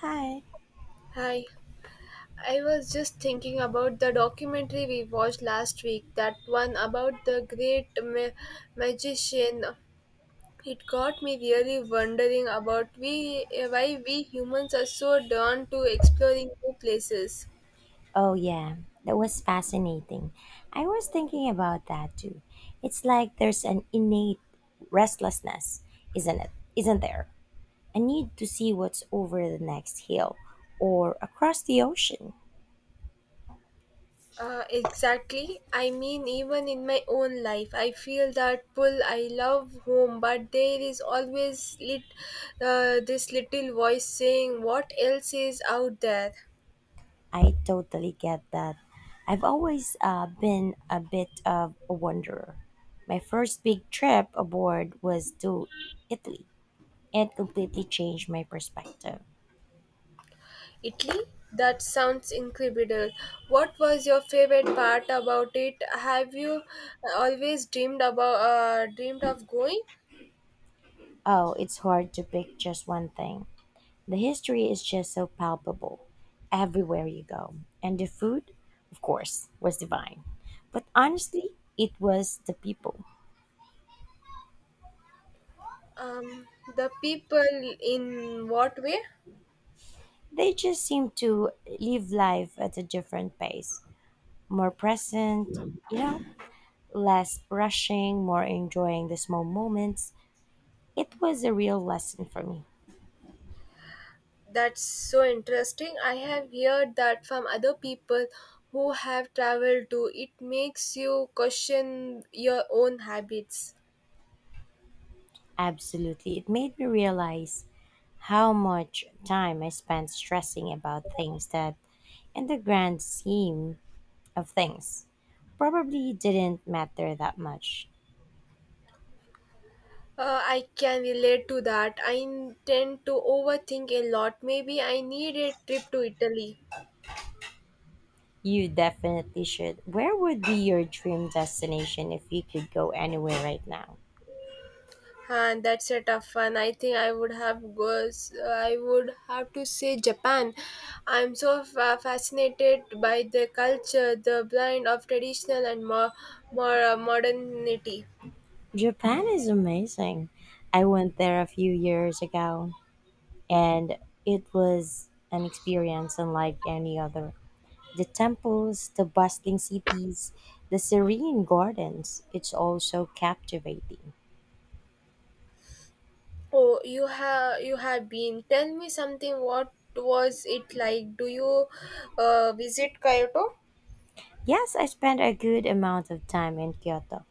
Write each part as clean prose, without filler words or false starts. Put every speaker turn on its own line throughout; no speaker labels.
Hi.
Hi, I was just thinking about the documentary we watched last week, that one about the great magician. It got me really wondering about why we humans are so drawn to exploring new places.
Oh, yeah, that was fascinating. I was thinking about that too. It's like there's an innate restlessness, isn't it? Isn't there? A need to see what's over the next hill or across the ocean.
Exactly. I mean, even in my own life, I feel that pull. I love home, but there is always this little voice saying, "What else is out there?"
I totally get that. I've always been a bit of a wanderer. My first big trip aboard was to Italy. It completely changed my perspective.
Italy? That sounds incredible. What was your favorite part about it? Have you always dreamed about dreamed of going?
Oh, it's hard to pick just one thing. The history is just so palpable everywhere you go. And the food, of course, was divine. But honestly, it was the people.
The people in what way?
They just seemed to live life at a different pace, more present, you know, less rushing, more enjoying the small moments. It was a real lesson for me.
That's so interesting. I have heard that from other people who have traveled too. It makes you question your own habits.
Absolutely. It made me realize how much time I spent stressing about things that, in the grand scheme of things probably didn't matter that much.
I can relate to that. I tend to overthink a lot. Maybe I need a trip to Italy.
You definitely should. Where would be your dream destination if you could go anywhere right now?
And that's a tough one. I think I would have goes. I would have to say Japan. I'm so fascinated by the culture, the blend of traditional and more, more modernity.
Japan is amazing. I went there a few years ago and it was an experience unlike any other. The temples, the bustling cities, the serene gardens, it's all so captivating.
Oh, you have been. Tell me something. What was it like? Do you visit Kyoto?
Yes, I spent a good amount of time in Kyoto.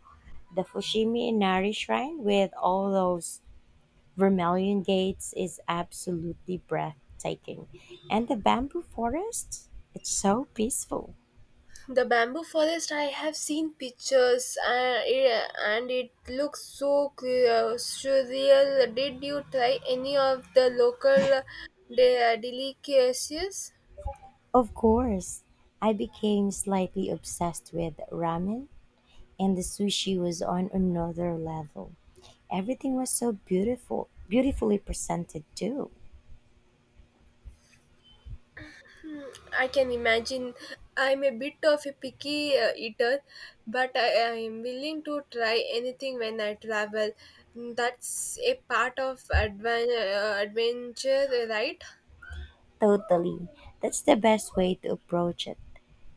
The Fushimi Inari Shrine, with all those vermilion gates, is absolutely breathtaking. And the bamboo forest, it's so peaceful.
The bamboo forest, I have seen pictures it and it looks so surreal. Did you try any of the local delicacies?
Of course, I became slightly obsessed with ramen, and the sushi was on another level. Everything was so beautiful, beautifully presented, too.
I can imagine I'm a bit of a picky eater, but I am willing to try anything when I travel. That's a part of adventure, right?
Totally. That's the best way to approach it.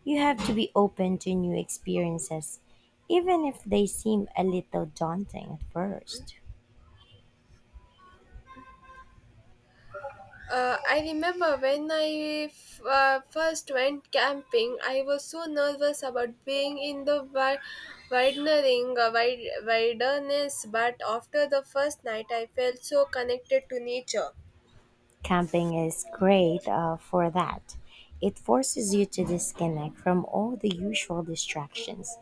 You have to be open to new experiences, even if they seem a little daunting at first.
I remember when I first went camping, I was so nervous about being in the wilderness, but after the first night, I felt so connected to nature.
Camping is great for that. It forces you to disconnect from all the usual distractions,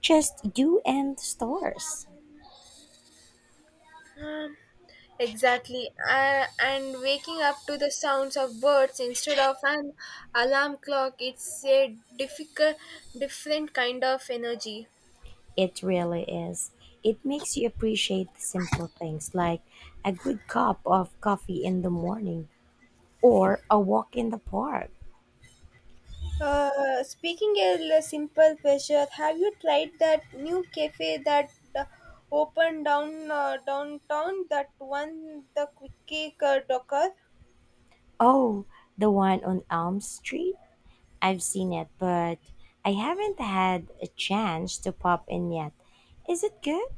just you and the stars.
Um, exactly. And waking up to the sounds of birds instead of an alarm clock, it's a different kind of energy.
It really is. It makes you appreciate the simple things like a good cup of coffee in the morning or a walk in the park.
Speaking a simple pleasure, have you tried that new cafe that uh, opened downtown? That one, the Quickie Docker.
Oh, the one on Elm Street? I've seen it, but I haven't had a chance to pop in yet. Is it good?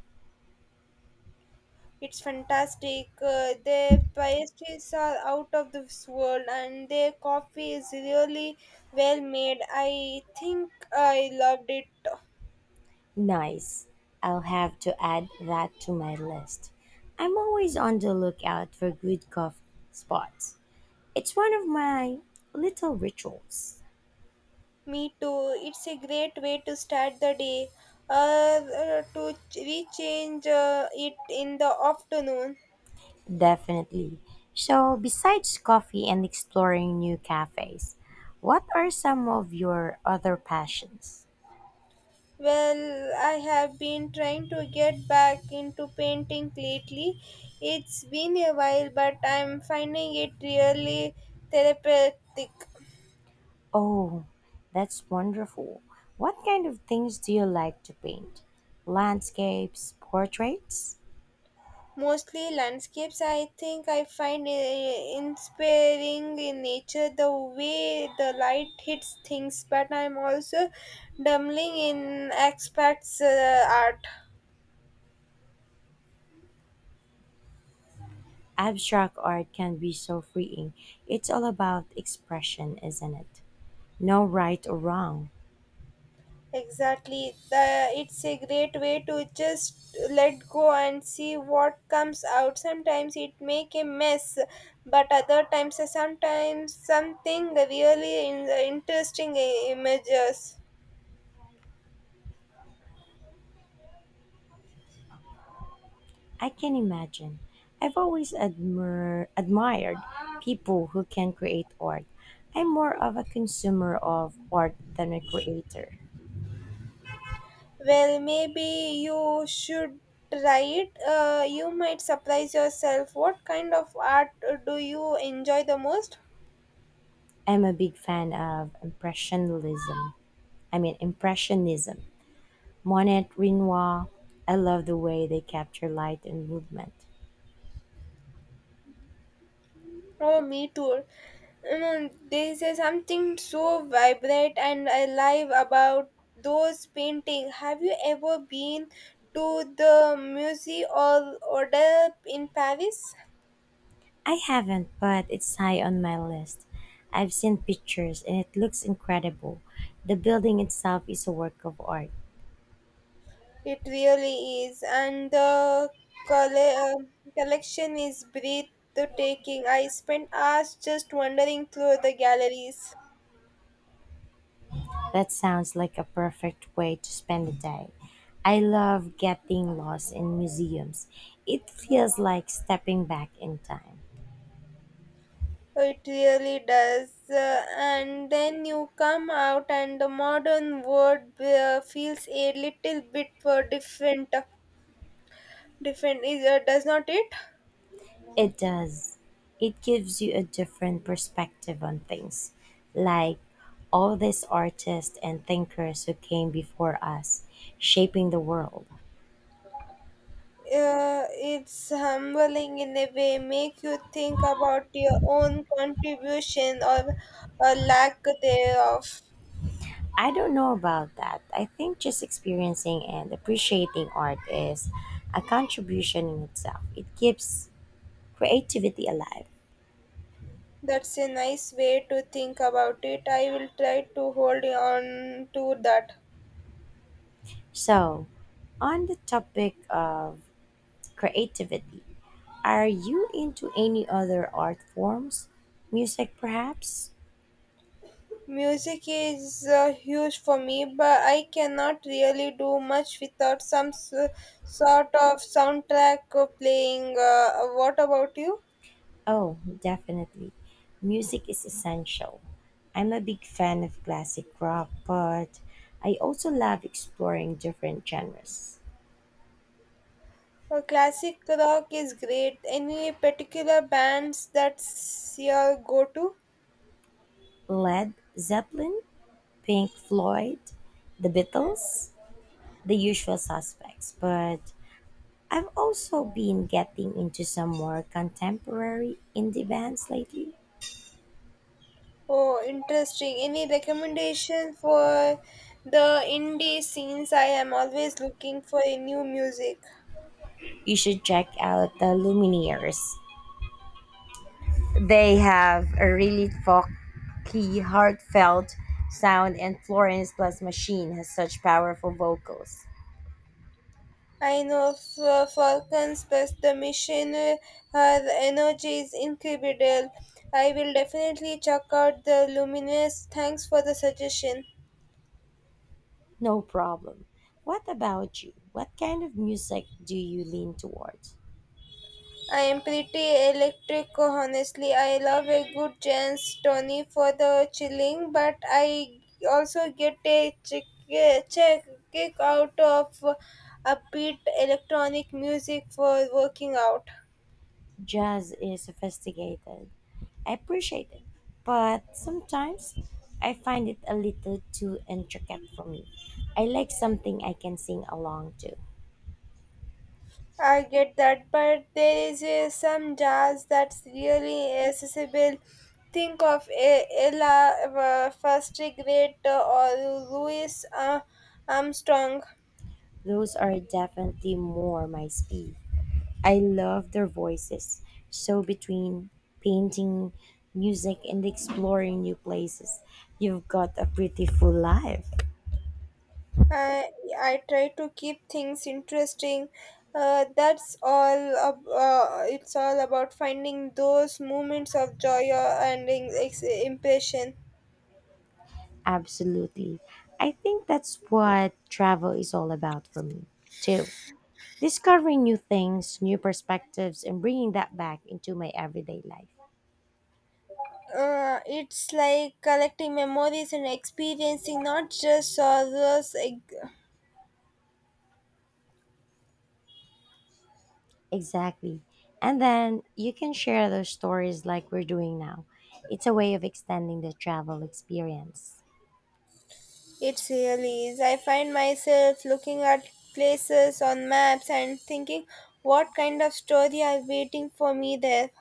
It's fantastic. Their pastries are out of this world, and their coffee is really well made. I think I loved it.
Nice. I'll have to add that to my list. I'm always on the lookout for good coffee spots. It's one of my little rituals.
Me too. It's a great way to start the day. To rechange it in the afternoon.
Definitely. So, besides coffee and exploring new cafes, what are some of your other passions?
Well, I have been trying to get back into painting lately. It's been a while, but I'm finding it really therapeutic.
Oh, that's wonderful. What kind of things do you like to paint? Landscapes, portraits?
Mostly landscapes, I think I find inspiring in nature the way the light hits things, but I'm also dabbling in abstract art.
Abstract art can be so freeing. It's all about expression, isn't it? No right or wrong.
Exactly. The, it's a great way to just let go and see what comes out. Sometimes it make a mess, but sometimes something really interesting images.
I can imagine. I've always admired people who can create art. I'm more of a consumer of art than a creator.
Well, maybe you should try it. You might surprise yourself. What kind of art do you enjoy the most?
I'm a big fan of impressionism. I mean, impressionism. Monet Renoir. I love the way they capture light and movement.
Oh, me too. You know, there is a something so vibrant and alive about those paintings. Have you ever been to the Musée or Order in Paris?
I haven't, but it's high on my list. I've seen pictures and it looks incredible. The building itself is a work of art.
It really is, and the colle- um collection is breathtaking. I spent hours just wandering through the galleries.
That sounds like a perfect way to spend a day. I love getting lost in museums. It feels like stepping back in time.
It really does. And then you come out, and the modern world feels a little bit different, does not it?
It does. It gives you a different perspective on things. Like all these artists and thinkers who came before us, shaping the world.
It's humbling in a way, make you think about your own contribution or a lack thereof.
I don't know about that. I think just experiencing and appreciating art is a contribution in itself. It keeps creativity alive.
That's a nice way to think about it. I will try to hold on to that.
So, on the topic of creativity, are you into any other art forms? Music, perhaps?
Music is huge for me, but I cannot really do much without some sort of soundtrack playing. What about you?
Oh, definitely. Music is essential. I'm a big fan of classic rock, but I also love exploring different genres.
Classic rock is great. Any particular bands that's your go to?
Led Zeppelin, Pink Floyd, The Beatles, the usual suspects, but I've also been getting into some more contemporary indie bands lately.
Oh, interesting. Any recommendation for the indie scenes? I am always looking for a new music.
You should check out the Lumineers. They have a really folky, heartfelt sound, and Florence Plus Machine has such powerful vocals.
I know Falcon's but The mission, her energy is incredible. I will definitely check out the Luminous. Thanks for the suggestion.
No problem. What about you? What kind of music do you lean towards?
I am pretty electric, honestly. I love a good Jens Tony for the chilling, but I also get a chick- check kick out of upbeat electronic music for working out.
Jazz is sophisticated. I appreciate it, but sometimes I find it a little too intricate for me. I like something I can sing along to.
I get that, but there is some jazz that's really accessible. Think of Ella first grade or Louis Armstrong.
Those are definitely more my speed. I love their voices. So between painting, music, and exploring new places, you've got a pretty full life.
I, I try to keep things interesting. That's all. Ab- it's all about finding those moments of joy and impression.
Absolutely. I think that's what travel is all about for me, too. Discovering new things, new perspectives, and bringing that back into my everyday life.
It's like collecting memories and experiencing not just sorrows.
Exactly. And then you can share those stories like we're doing now. It's a way of extending the travel experience.
It really is. I find myself looking at places on maps and thinking what kind of story are waiting for me there.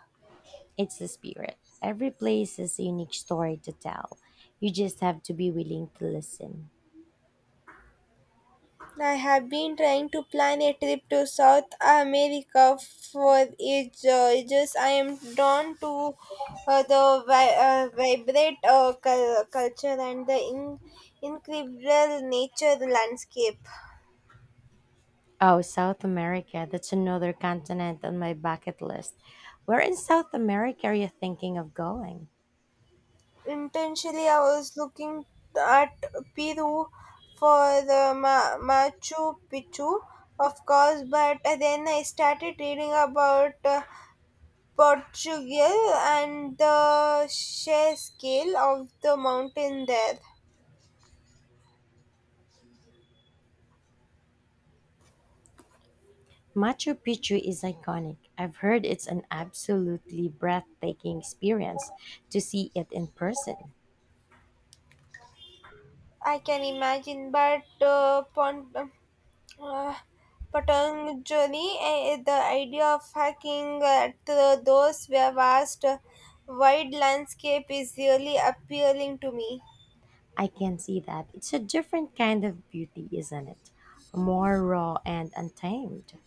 It's the spirit. Every place has a unique story to tell. You just have to be willing to listen.
I have been trying to plan a trip to South America for ages. I am drawn to the vibrant culture and the incredible nature landscape.
Oh, South America. That's another continent on my bucket list. Where in South America are you thinking of going?
Intentionally I was looking at Peru for the Machu Picchu of course, but then I started reading about Portugal and the sheer scale of the mountain there.
Machu Picchu is iconic. I've heard it's an absolutely breathtaking experience to see it in person.
I can imagine, but uh, Patanjali, the idea of hacking at those vast, wide landscape is really appealing to me.
I can see that. It's a different kind of beauty, isn't it? More raw and untamed.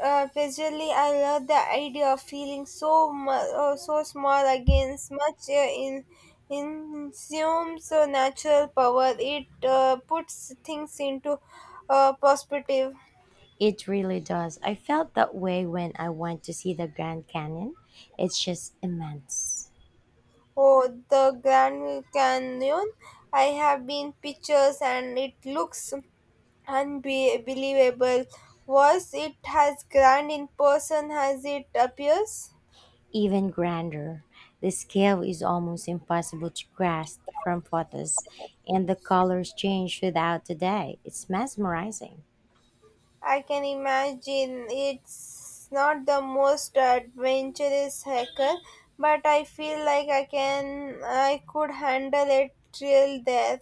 Visually, I love the idea of feeling so so small against much in insumes natural power. It puts things into perspective.
It really does. I felt that way when I went to see the Grand Canyon. It's just immense,
Oh, the Grand Canyon! I have been pictures, and it looks unbelievable. Was it as grand in person as it appears?
even grander. The scale is almost impossible to grasp from photos, and the colors change without a day. It's mesmerizing.
I can imagine it's not the most adventurous hacker, but I feel like I could handle it till death.